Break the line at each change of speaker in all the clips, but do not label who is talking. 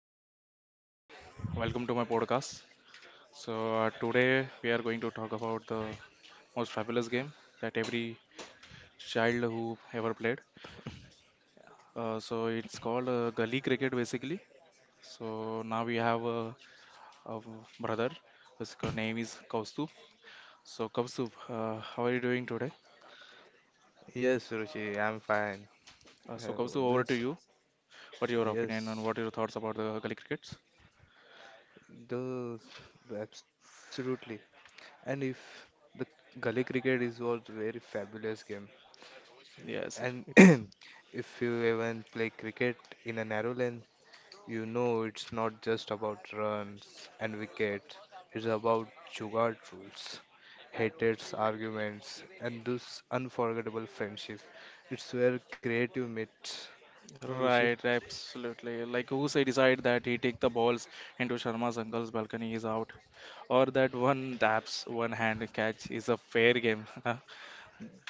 Rishikesh here. Welcome to my podcast. So today we are going to talk about the most fabulous game that every child who ever played. So it's called gully cricket basically. So now we have a brother. His name is Kaustubh. So Kaustubh, how are you doing today?
Yes, Ruchi, I'm fine.
So Kaustubh, over
Uh,
to you.
this,
What is your opinion and what are your
yes,
thoughts about the gully crickets?
those, absolutely. And if the gully cricket is also very fabulous game,
Yes,
and
it is.
if you even play cricket in a narrow lane, you know it's not just about runs and wicket. It's about jugaad rules, hated arguments, and those unforgettable friendship. It's where creative meets. No, Ruchi?
Right, absolutely. Like who say decide that he take the balls into Sharma's uncle's balcony is out, or that one taps one hand catch is a fair game.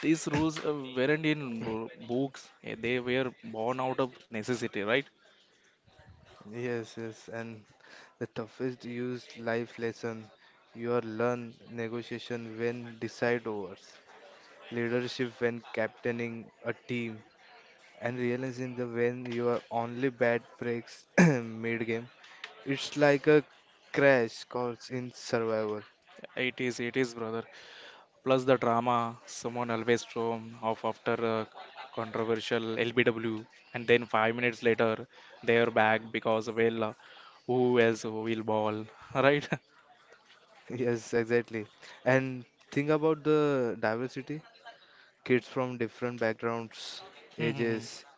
These rules weren't in books; they were born out of necessity, right?
Yes, yes, and the toughest used life lesson you are learn negotiation when decide overs, leadership when captaining a team, and realizing the when your only bad breaks mid game. It's like a crash course in survival.
It is, brother. Plus the drama, someone always storm off after a controversial LBW, and then 5 minutes later they are back because well, who else will ball, right?
Yes, exactly. And think about the diversity. Kids from different backgrounds, ages,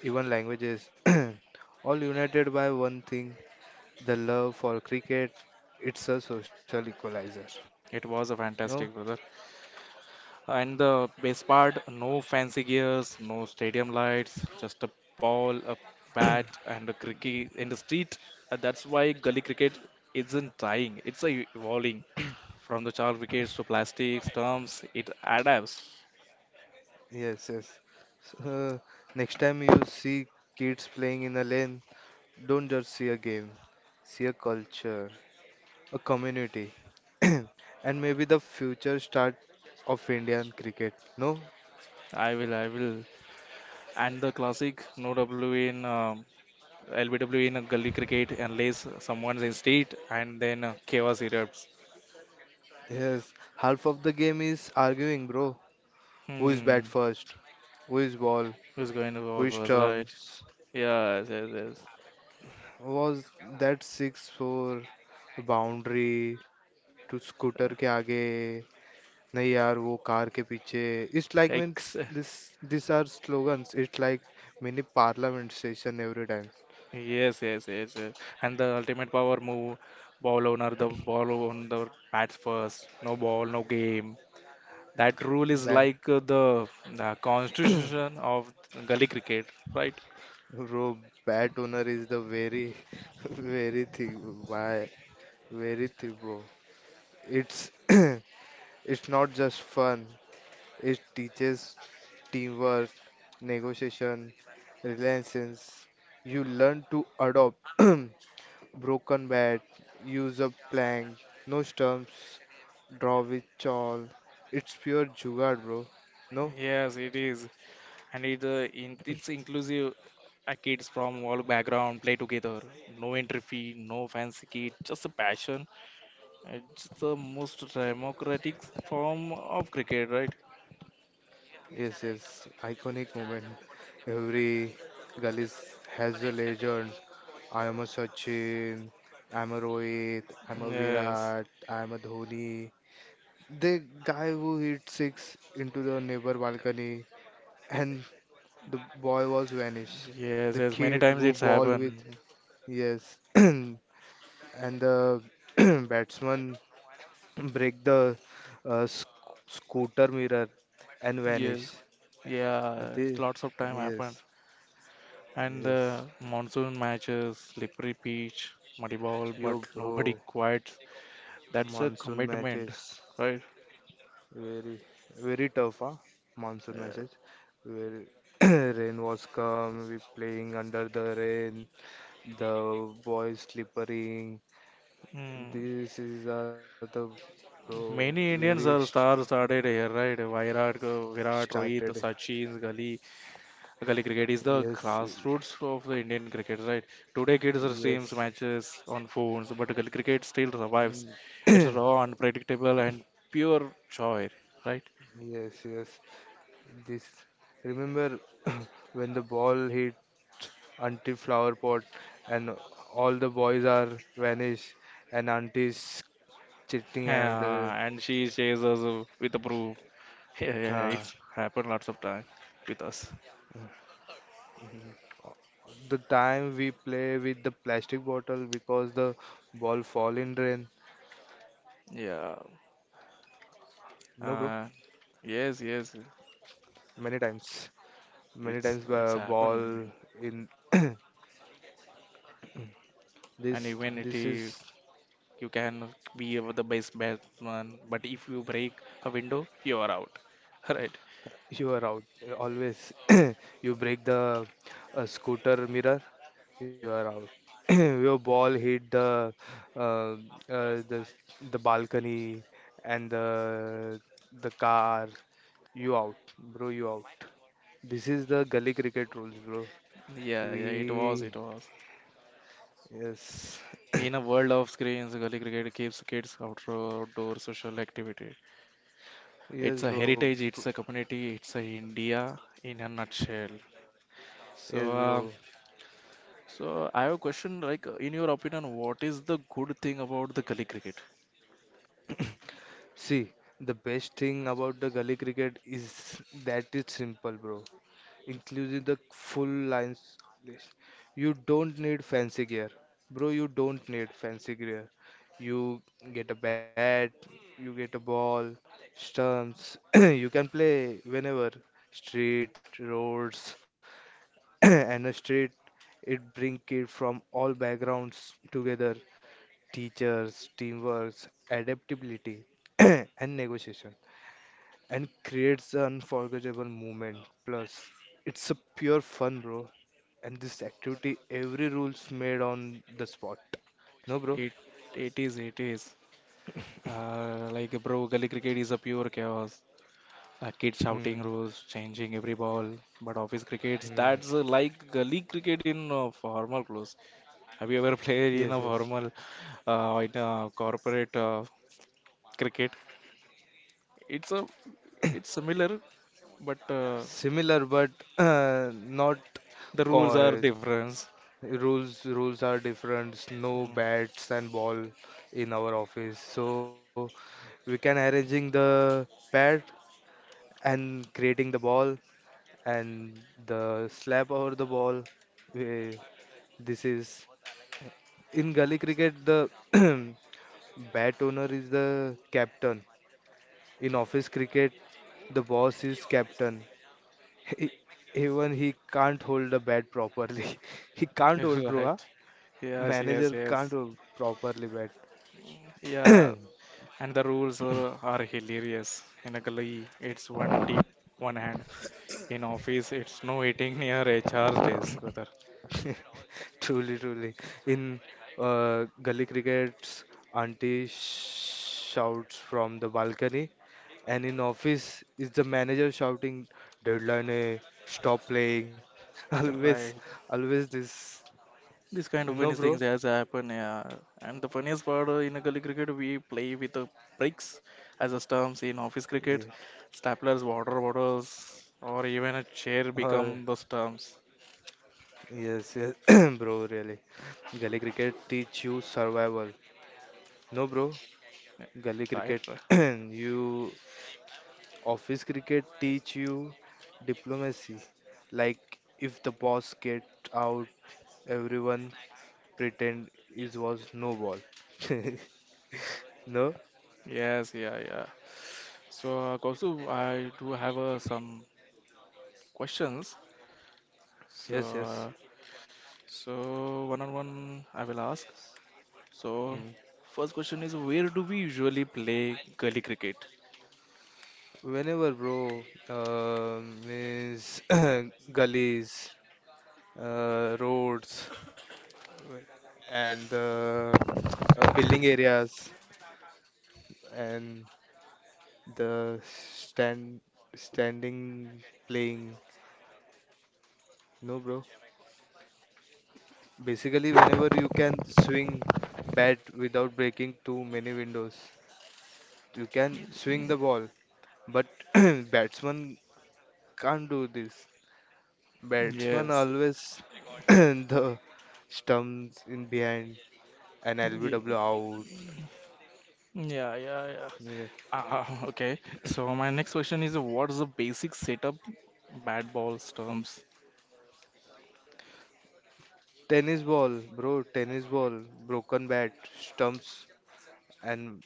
even languages, all united by one thing, the love for cricket. It's a social equalizer.
It was a
No?
fantastic, brother. And the best part, no fancy gears, no stadium lights, just a ball, a bat, and a cricket in the street. That's why gully cricket isn't dying. It's a evolving from the char wickets to plastic stumps. It adapts.
Yes, yes. So, next time you see kids playing in a lane, don't just see a game, see a culture, a community, and maybe the future start of Indian cricket. No?
I will, I will. And the classic no W in LBW in a gully cricket unless someone's in street and then chaos erupts.
Yes, half of the game is arguing, bro. Who is bat
Hmm,
first? Who is ball?
who's going to
Who
bowl
is
first, right?
stumps?
Yes, yes, yes.
Was that 6-4 boundary to scooter के आगे नहीं यार वो car के पीछे, it's like means
Ex-
this, these are slogans, it's like mini parliament session every time.
yes, yes, yes, yes. And the ultimate power move, ball owner, the ball on the bats first. No ball, no game. That rule is
Bae,
like the constitution of gully cricket, right?
bro, bad owner is the very very thing, by bro, it's not just fun, it teaches teamwork, negotiation, relentless. You learn to adopt broken bat, use a plank, no stumps, draw with chawl. It's pure jugaad, bro. No?
Yes, it is, and it's inclusive. Kids from all background play together. No entry fee, no fancy kit, just a passion. It's the most democratic form of cricket, right?
Yes, yes. Iconic moment. Every gully has a legend. I am a Sachin. I'm a Rohit. I'm a
Yes.
Virat. I'm a Dhoni. The guy who hit six into the neighbor balcony and the boy was vanished.
Yes,
The
yes, many
kid
times
who
it's
ball with,
happened.
yes, and the batsman break the uh, sc- scooter mirror and vanish.
Yes, yeah,
The,
it's lots of time happened.
yes,
And
yes.
the monsoon matches, slippery pitch, muddy ball, but
Yo,
nobody
bro,
quits. That's a
monsoon
commitment,
matches
right?
very very tough, huh? Monsoon
Uh,
matches. Very rain was come. We playing under the rain. The boys slippering.
hmm.
This is the bro
Many
very
Indians
st-
are star started here, right? Virat, Virat, Rohit,
started.
Sachin, Gali, gully cricket is the
Yes,
grassroots of the Indian cricket, right? Today, kids are streams
yes,
matches on phones, but gully cricket still survives. It's
mm,
raw, unpredictable, and pure joy, right?
yes, yes. This remember when the ball hit auntie flower pot and all the boys are vanished and auntie's chitting and
Yeah, and she shares us with the proof. Yeah, yeah,
uh,
it's happened lots of time with us.
the time we play with the plastic bottle because the ball fall in drain.
Yeah.
No, bro,
Uh, yes, yes.
many times. Many times
It's
ball
happened.
in,
And
this
even it,
this
uh,
is.
you can be the best batsman, but if you break a window, you are out, right?
You are out always, you break the scooter mirror, you are out, your ball hit uh, uh, the the balcony and the car, you out bro, you out, this is the gully cricket rules, bro.
Yeah, yeah,
We,
it was, it was.
yes,
In a world of screens, gully cricket keeps kids outdoor social activity. It's
yes
a
bro,
heritage, it's a community, it's a India in a nutshell.
yes
So, um,
bro.
so I have a question. Like, in your opinion, what is the good thing about the gully cricket?
See, the best thing about the gully cricket is that it's simple, bro. Including the full lines list. You don't need fancy gear. Bro, you don't need fancy gear. You get a bat, you get a ball, stumps. you can play whenever. Street, roads, and a street. It brings kids from all backgrounds together. Teachers, teamwork, adaptability, and negotiation, and creates an unforgettable moment. Plus, it's a pure fun, bro. And this activity, every rule's made on the spot. No, bro.
It, it is, it is. Like, bro, gully cricket is a pure chaos. Kids shouting
Hmm,
rules, changing every ball. But office crickets,
hmm.
that's like gully cricket in formal clothes. Have you ever played
Yes,
in a
yes.
formal in a corporate cricket? It's a it's similar, but
Similar, but not
the rules are
co-
different.
rules. Rules are different. No
Mm.
bats and ball in our office, so we can arranging the bat and creating the ball and the slap over the ball. We, this is. In gully cricket, the bat owner is the captain. In office cricket, the boss is captain. He, even he can't hold the bat properly. He can't hold, bro. Huh?
Right. Yes, yes,
Manager can't
yes.
hold properly bat.
Yeah, and the rules are hilarious. In a gully, it's one tip, one hand. In office, it's no eating near HR's desk, brother.
Truly, truly. In gully crickets, auntie shouts from the balcony, and in office is the manager shouting, deadline, eh, stop playing. Always,
Right.
always this,
These kind
you
of
know,
funny things
bro.
has happened, yeah. And the funniest part in a gully cricket, we play with the bricks as a stumps in office
Yeah.
cricket, staplers, water bottles, or even a chair become
Uh,
the stumps.
yes, yes, bro, really. Gully cricket teach you survival. No, bro,
Yeah.
gully
Right?
cricket,
Right.
you, office cricket teach you diplomacy. Like if the boss get out, everyone pretend it was no ball. No?
Yes, yeah, yeah. So, Kausu, I do have some questions. So,
Yes, yes.
so one on one, I will ask. So,
Hmm.
first question is, where do we usually play gully cricket?
Whenever, bro, means gullies, roads, and the building areas, and the standing playing. No, bro. Basically, whenever you can swing bat without breaking too many windows, you can swing the ball. But batsman can't do this. Batsman
Yes.
always the stumps in behind an
Ye-
LBW out.
Yeah, yeah, yeah.
Yeah.
Okay. So my next question is, what's the basic setup? Bad balls terms.
Tennis ball, bro, tennis ball, broken bat, stumps, and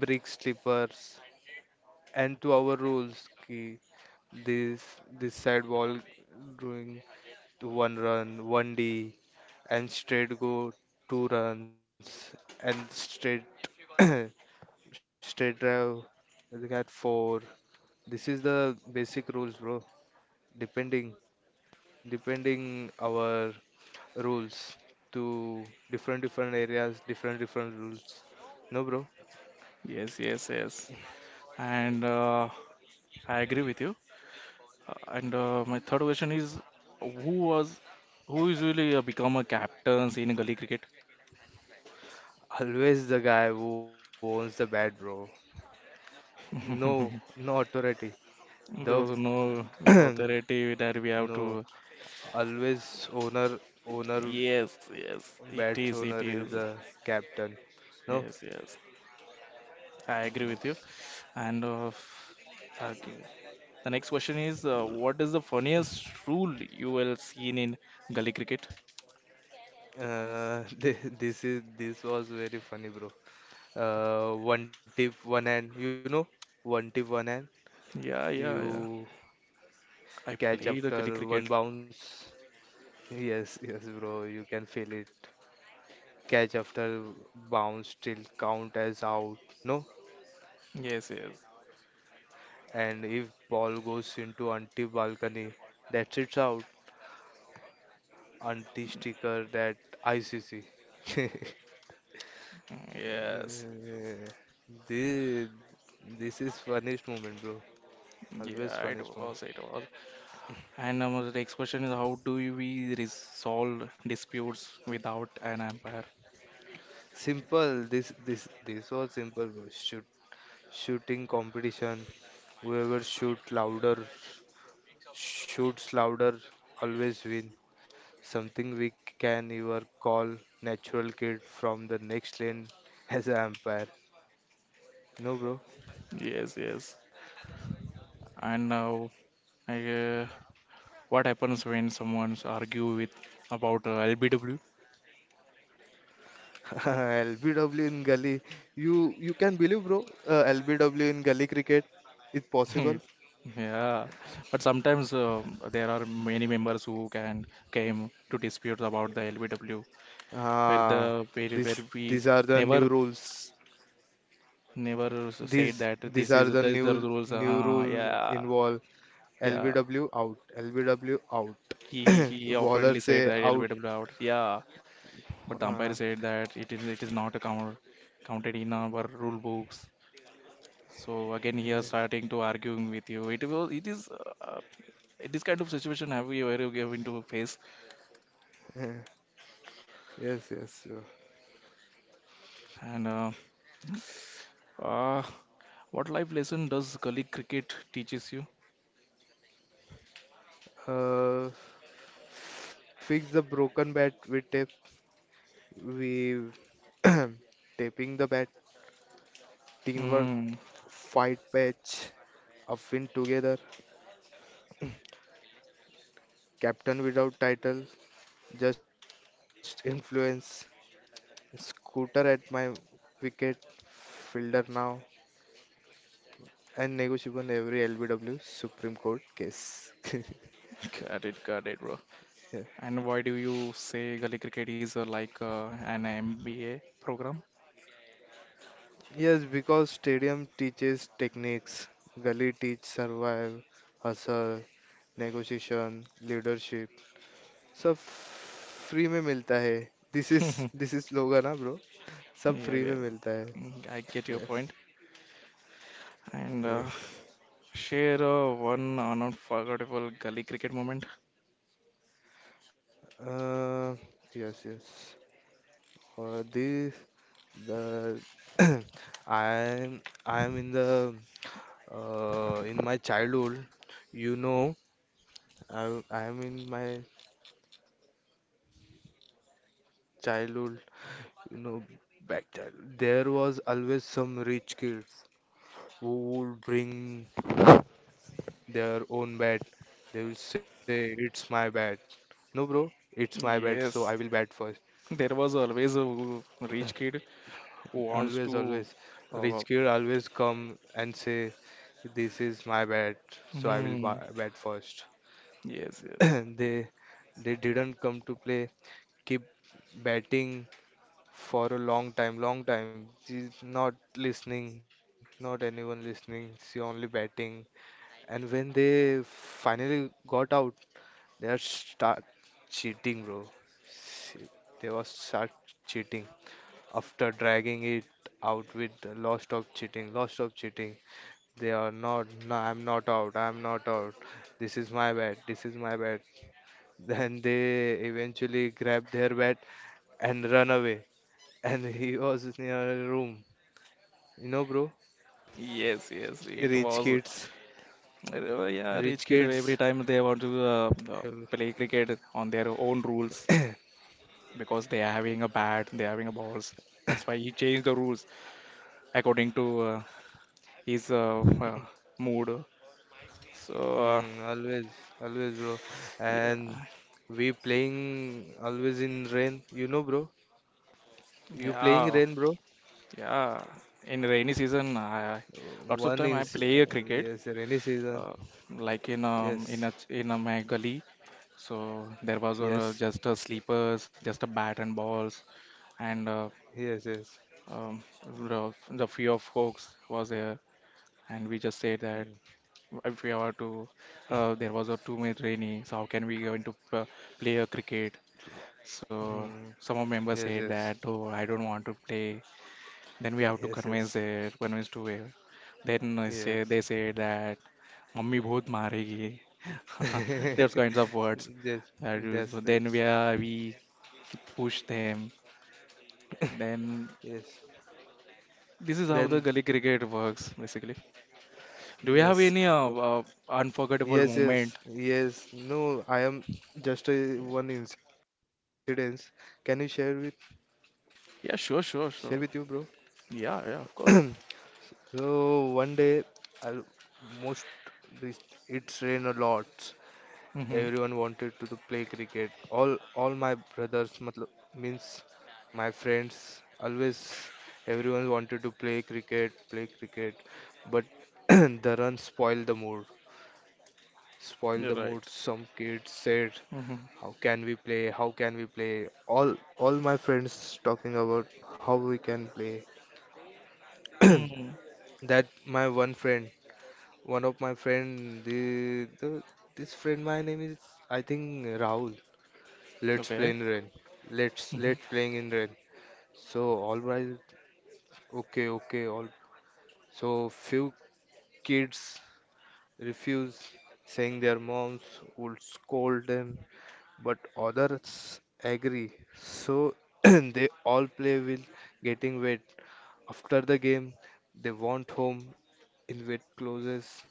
brick slippers. And to our rules, ki this, this side ball doing one run, one D, and straight go two runs, and straight, straight drive. We got four. This is the basic rules, bro. Depending depending our rules to different areas, different rules. No, bro.
Yes, yes, yes. And I agree with you. And My third question is, who was, who usually become a captains in gully cricket?
Always the guy who owns the bat, bro. No, no authority. The
There was no authority that we have
no,
to.
always owner, owner,
Yes, yes, it
bats
is, it
owner
is.
is the captain. No.
Yes, yes. I agree with you. And okay. The next question is, what is the funniest rule you will seen in gully cricket?
Thi- this is, this was very funny, bro. One tip, one hand. You know, one tip, one hand.
Yeah, yeah, yeah.
You
I
catch
played the gully
after
cricket.
one bounce. Yes, yes, bro. You can feel it. Catch after bounce still count as out, no?
Yes, yes,
And if ball goes into anti balcony, that's it's out. Anti sticker that ICC.
yes.
This this is funniest moment, bro. Always
Yeah, it
funniest moment.
was, it was. And The next question is, how we resolve disputes without an umpire?
Simple. This was simple, bro. Shooting competition. Whoever shoot louder, shoots louder, always win. Something we can even call natural kid from the next lane as an umpire. No, bro.
Yes, yes. And now, I, uh, what happens when someone's argue with about LBW?
LBW in gully. You can believe, bro. LBW in gully cricket is
Hmm.
possible.
Yeah, but sometimes there are many members who can came to disputes about the LBW,
Ah,
where
this
we
these are the
never
new rules.
never said
These
that
these
this
are
is
the
this the
new
rules.
new rules
Yeah,
involve
yeah.
LBW out, LBW out.
He
Bowler
oftenly
say
said that
out.
LBW out. Yeah, but the umpire
Ah,
said that it is not count, counted in our rule books. So again, here starting to arguing with you. It was it is This kind of situation have you ever given to face
yes, yes,
and. Uh, what life lesson does gully cricket teaches you?
bro. Fix the broken bat with tape. We taping the bat. Teamwork.
Mm,
Fight patch. Upwind together. Captain without title. Just influence. Scooter at my wicket. Fielder now. And negotiable every LBW Supreme Court case.
got it, got it, bro.
Yeah.
And why do you say gully cricket is like an MBA program?
Yes, because stadium teaches techniques, gully teach survive, hustle, negotiation, leadership. सब free में मिलता है, this is,
Yeah,
this is लोगा ना bro, सब free
yeah,
में मिलता है,
mm, I get your
yes,
point.
Yes,
And share one unforgettable gully cricket moment.
Yes, yes, और this the. I am, I am in the in my childhood, you know, I I am in my childhood, you know, back child. There was always some rich kids who would bring their own bat. They will say, "It's my bat." No, bro, it's my bet, so I will bat first.
Yes, there was always a rich kid
Always,
who
always.
wants to.
Rich kid always
Uh,
come and say, this is my bat, so I will
mm,
bat first.
yes, yes,
They they didn't come to play, keep batting for a long time, long time. She's not listening, not anyone listening, she only batting. And when they finally got out, they are start cheating, bro. She- They was start cheating, after dragging it out with lots of cheating, lots of cheating. They are not, no, I'm not out, I'm not out. This is my bad, this is my bad. Then they eventually grab their bat and run away. And he was in a room, you know, bro.
yes, yes. It
Rich
was.
kids,
Yeah, rich
rich
kid every
kids.
time they want to
um,
play cricket on their own rules because they are having a bat, they are having a balls. That's why he changed the rules according to his uh, mood. So
mm, always, always, bro. And
yeah,
we playing always in rain, you know, bro. You playing
yeah,
rain, bro?
yeah. In rainy season, I,
One in
lots of
se-
time I
uh,
play a
yes,
cricket,
rainy season.
uh, like
Yes,
in a my gully. So there was
yes,
just a sleepers, just a bat and balls, and
yes, yes.
the fear of hoax was there, and we just said
Mm,
that if we are to, there was a too much rainy, so how can we going to play a cricket? So
mm,
some of members
yes,
said
yes,
that, oh, I don't want to play. Then we have to
yes,
convince
yes,
it, convince to it. Then I say,
yes.
they say that, mummy बहुत मारेगी. Those kinds of words.
Yes,
So
that's
then
that's
we push them. Then
yes.
this is how the
Then
gully cricket works, basically. Do you have
yes,
any unforgettable
yes,
moment?
yes, yes. No, I am just a one incident. Can you share with,
Yeah, sure,
share
sure,
with you,
sure.
bro?
Yeah, yeah, of course.
So one day, I most this- it's rain a lot,
Mm-hmm.
everyone wanted to play cricket. All my brothers, matlab, means my friends, always everyone wanted to play cricket, play cricket. But the run spoiled the mood. Spoiled
You're
the mood.
right.
Some kids said,
Mm-hmm.
"How can we play? How can we play?" All my friends talking about how we can play.
Mm.
That my one friend, one of my friend, the this friend, my name is I think Rahul. Let's play
Okay.
in rain. Let's
Hmm.
let's playing in rain. So all right, okay, okay, all. So few kids refuse, saying their moms would scold them, but others agree. So they all play with getting wet. After the game, they want home in wet clothes.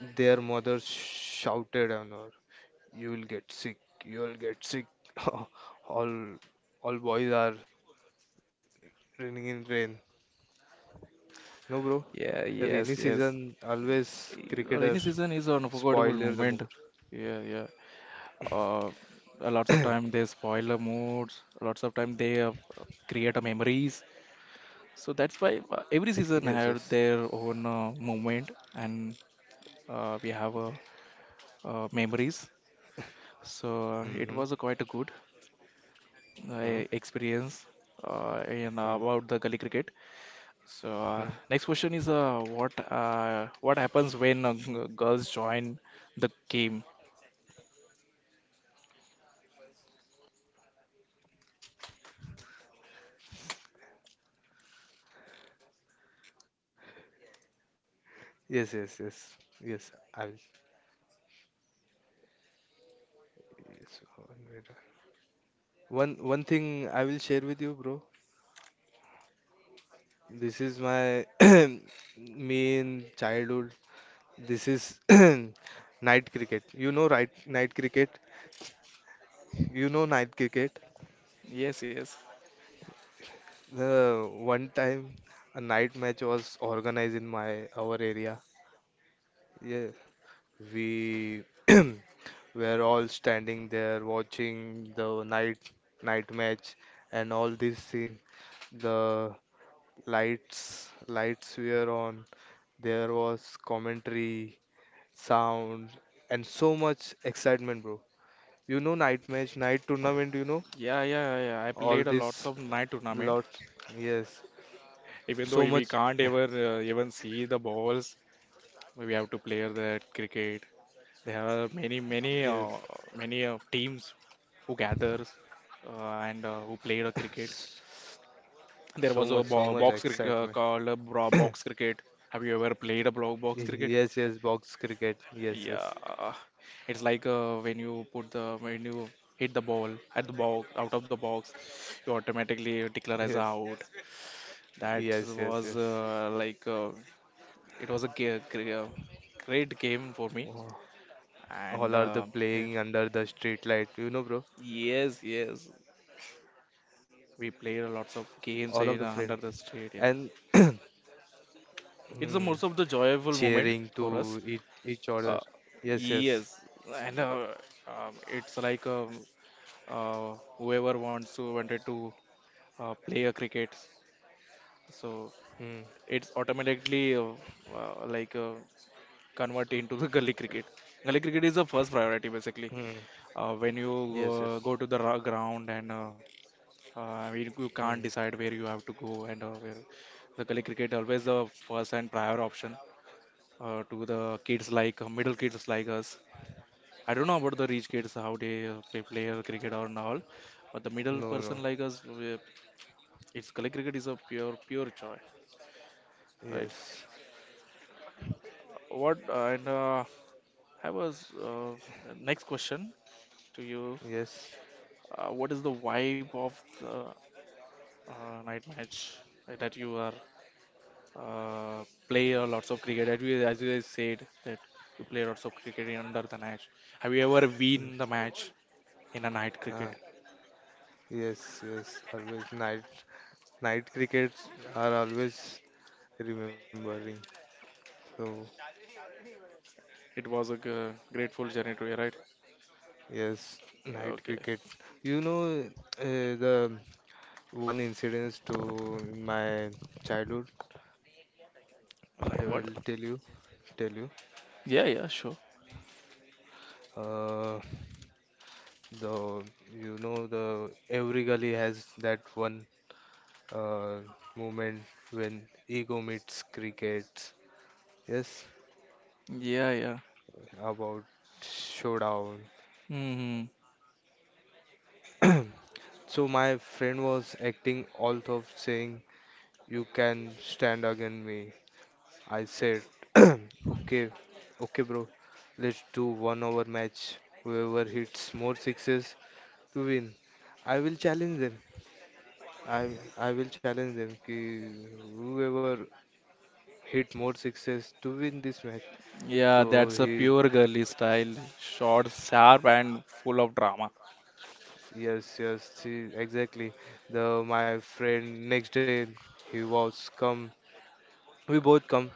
Their mother shouted on her, "You will get sick. You will get sick." all all boys are running in rain. No, bro,
Yeah,
rainy
yes, yes.
season always cricketer
Rainy season is an unforgettable
spoiler the
moment.
mood.
Yeah, yeah. Uh, a lots of time they spoil the moods. Lots of time they create a memories. So that's why
Yes,
every
yes.
season have their own moment, and we have memories. So
Mm-hmm.
it was quite a good.
Hmm,
My experience in
hmm,
about the gully cricket. So
hmm.
next question is what happens when girls join the game?
Yes, yes, yes. Yes, I will. Yes. One minute. One thing I will share with you, bro. This is my me in childhood. This is night cricket. You know, right? Night cricket. You know, night cricket.
Yes, yes,
The one time a night match was organized in my our area. Yeah, we were all standing there watching the night match and all these things. The lights were on. There was commentary, sound, and so much excitement, bro. You know, night match, night tournament.
yeah, yeah, yeah. Yeah. I played
All
a lots
this
of night tournament.
lot. Yes,
Even though
so
we
much.
can't ever even see the balls, we have to play that cricket. There are many, many,
Yes,
many teams who gathers and who played a cricket.
so
There
much,
was a
so much excitement.
called a box cricket. Have you ever played a box
Yes,
cricket?
yes, box cricket. Yes, yes,
Yeah, it's like when you put the when you hit the ball at the box out of the box, you automatically declare as
yes.
a out. That
Yes, yes,
was
yes.
it was a great game for me,
Oh,
and
all are the
it,
playing under the street light, bro.
yes, yes, we played lots of
All of the
games in
friend
under the street. Yeah,
and
it's the
hmm,
most of the joyful moment
cheering
for
to
us.
each
Uh,
other. Yes, yes.
yes, and it's like whoever wants to wanted to play a cricket, so
Hmm,
it's automatically uh, like uh, convert into the gully cricket. Gully cricket is the first priority basically.
hmm.
When you go
Yes,
to the
yes.
ground and you, you can't decide where
Hmm.
you have to go and where the gully cricket always the first and prior option to the kids like middle kids like us. I don't know about the rich kids how they play cricket or not, but the middle person like
No,
us,
no.
we- it's like cricket is a pure pure joy, right?
Yes,
What and I was next question to you.
yes.
What is the vibe of the night match that you are play a lots of cricket? As you guys said that you play lots of cricket in under the match. Have you ever
Mm,
win the match in a night cricket?
ah, yes, yes. Always night crickets are always remembering. So
It was a grateful journey to you, right?
yes,
Yeah,
night
okay.
cricket. You know, the one incident to in my childhood, I
Like what?
will tell you.
Yeah, yeah, sure.
uh, the you know, the every gully has that one uh, moment when ego meets cricket, yes,
Yeah, yeah.
about showdown.
Hmm.
So my friend was acting all of saying, "You can stand against me." I said, "Okay, okay, bro, let's do 1 hour match. Whoever hits more sixes to win." I will challenge them. I I will challenge them. Ki whoever hit more sixes to win this match.
Yeah,
So
that's a
he,
pure girly style. Short, sharp, and full of drama.
yes, yes, he, exactly. The My friend next day he was come. We both come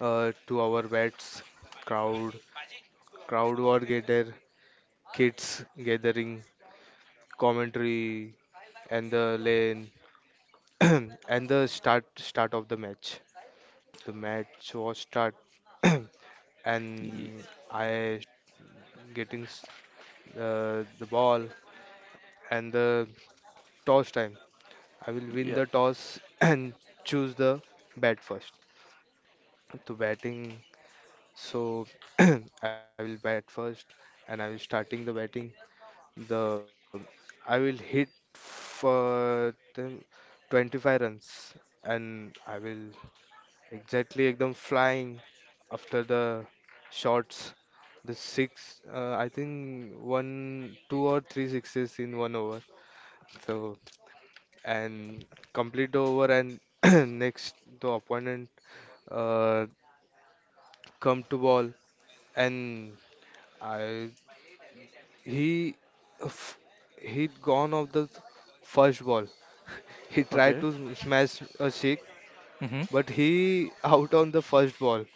to our bets. Crowd, crowd were gathered. Kids gathering, commentary, and the lane, and the start of the match. The match was start, and I getting the ball and the toss time. I will win
Yeah.
the toss and choose the bat first. To batting, so I will bat first, and I will starting the batting. The I will hit for them 25 runs, and I will exactly ekdam flying after the shots. The six, I think one, two or three sixes in one over. So and complete the over, and next the opponent uh, come to ball, and I he f- he gone off the first ball. He tried
Okay.
to smash a Sikh,
Mm-hmm.
but he out on the first ball.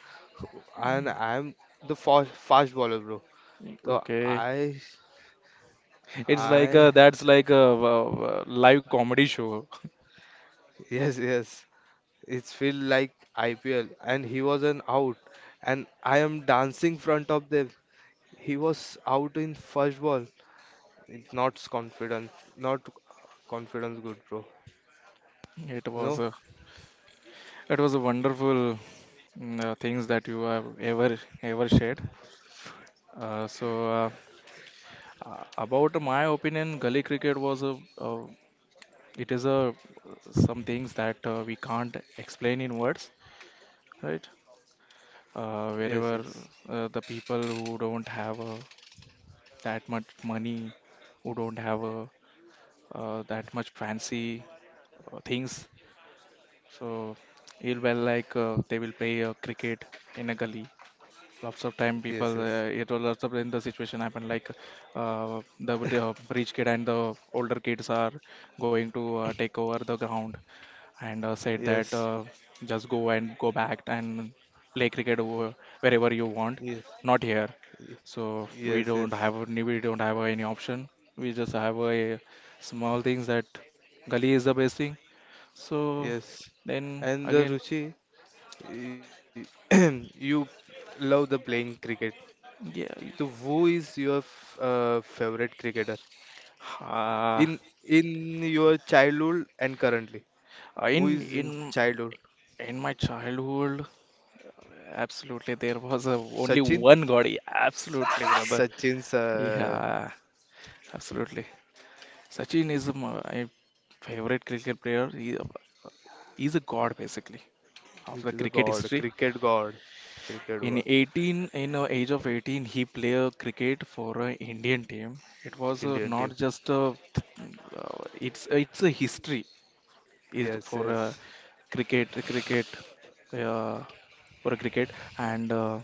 And I'm the fast bowler, bro. So
Okay. It's like
I,
a, that's like a, live comedy show.
yes, yes. It's feel like IPL, and he was an out, and I am dancing front of them. He was out in first ball. It's not confidence, not confidence good, bro.
It
You
was
know?
a, it was a wonderful things that you have ever shared. Uh, so uh, about my opinion, gully cricket was a it is a some things that we can't explain in words, right?
Yes, yes,
Wherever the people who don't have that much money, who don't have that much fancy things, so it will like they will play cricket in a gully. Lots of time
yes,
people,
yes,
it was lots of time the situation happened like the rich kid and the older kids are going to take over the ground and said that
yes,
just go and go back and play cricket wherever you want,
yes,
not here.
y-
So
yes, yes.
we don't have any option. We just have a small things that gully is the best thing. So
Yes.
then
And the
again,
Ruchi, y- you love the playing cricket.
yeah,
So who is your favorite cricketer in
uh,
in your childhood and currently? Who
in
is in
in
childhood?
in my childhood, absolutely there was a, only
Sachin?
one god. Absolutely, brother.
Sachin's
Yeah, absolutely. Sachin is my favorite cricket player. He is a god basically of the
He's a
cricket
god,
history.
cricket god, cricket god,
In 18, in age of 18, he played cricket for an Indian team. It was
Indian team.
not just a, it's a history is
Yes,
for
yes.
cricket uh, for a cricket and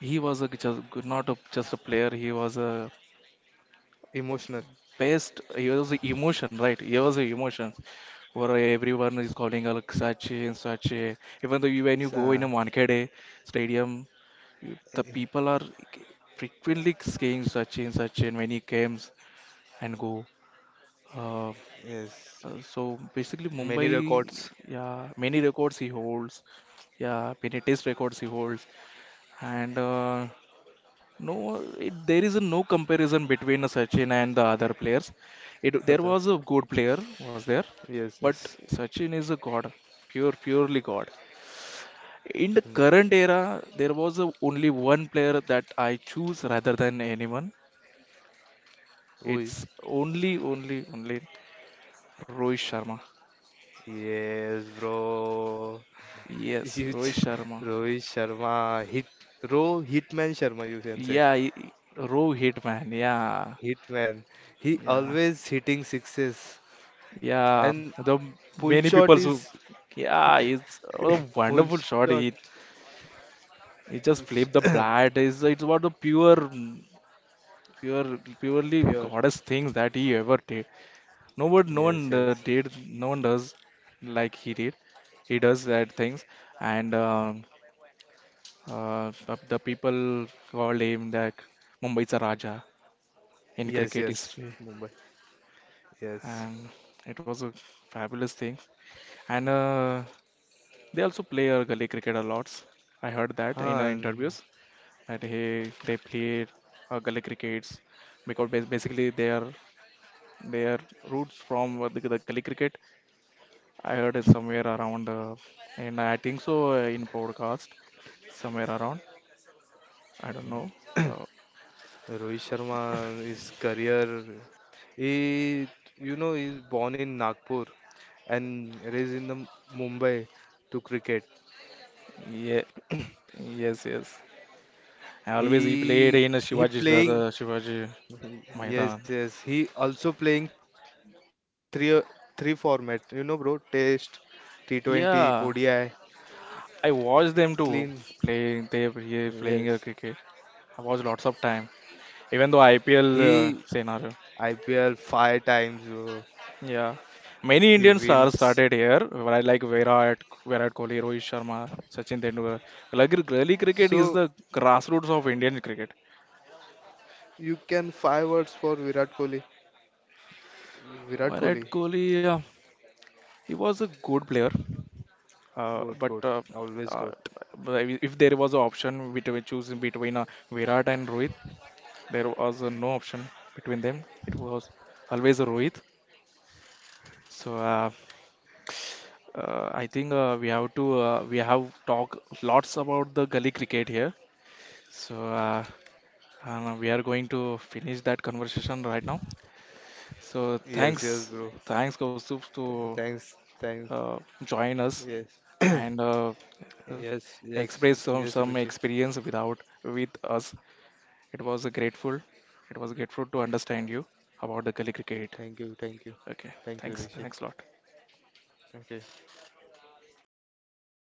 he was a, just not a, just a player. He was a
Emotional.
best it was the emotion, right? It was the emotion where everyone is calling her like such and such a even though you,
S-
when you go
Uh,
in a Wankhede stadium the people are frequently saying such and such and when he comes and go uh,
yes.
so basically
Many
Mumbai,
records.
yeah many records he holds, yeah many test records he holds, and no, it, there is a no comparison between Sachin and the other players. It, there
Other.
was a good player, was there,
Yes,
but
yes.
Sachin is a god, pure, purely god. In the
Hmm.
current era, there was a, only one player that I choose rather than anyone.
Who
It's
is?
only, only, only Rohit Sharma.
Yes, bro.
Yes,
You, t-
Rohit Sharma.
Rohit Sharma, hit, Ro Hitman Sharma, you can say.
Yeah, Rohit man. Yeah,
Hitman. He
yeah,
always hitting sixes.
yeah.
And
The
pull
many
shot
people who.
is
Yeah, it's a
pull
wonderful
shot.
shot. He just flipped the bat. It's what the pure, purely
Pure.
goddess things that he ever did. No
Yes,
one
yes.
did, no one does like he did. He does that things, and the people called him that Mumbai's a Raja in
Yes,
cricket
yes.
history,
Mumbai. Yes.
and it was a fabulous thing. And they also play gully cricket a lot. I heard that in
Huh, and
interviews. That he they play gully crickets because basically they are roots from the gully cricket. I heard it somewhere around, and I think so in podcast somewhere around. I don't know. Uh,
Rohit Sharma, his career, he, you know, he's born in Nagpur and raised in the Mumbai to cricket.
yeah, yes, yes. I always he
He
played in a
he
Shivaji's the
playing
Shivaji
yes,
Maidan.
yes, he also playing three three formats, you know, bro. Test, T20, ODI,
Yeah, I watched them
clean,
too playing. They were here
yes,
playing cricket. I watched lots of time, even though IPL
he
scenario.
IPL five times, bro.
Yeah, many
He
Indian stars
wins.
started here, like Virat, Virat Kohli, Rohit Sharma, Sachin Tendulkar. Like really, cricket is
So
the grassroots of Indian cricket.
you can five words for Virat Kohli. Virat
Virat
Kohli,
Kohli, he was a good player, uh,
good,
but
good,
uh,
always
uh,
good.
but if there was an option between choosing between Virat and Rohit, there was no option between them. It was always a Rohit. So I think we have talked lots about the gully cricket here. So, and we are going to finish that conversation right now. So,
Yes, yes, bro.
thanks, thanks, Kaustuv, to
Thanks, thanks,
join
yes
us and
yes, yes,
express
yes, Ruchi,
some experience without with us. It was a grateful. It was grateful to understand you about the Kali cricket.
thank you, thank you,
Okay,
thank you,
thanks,
Ruchi.
thanks a lot.
Ok,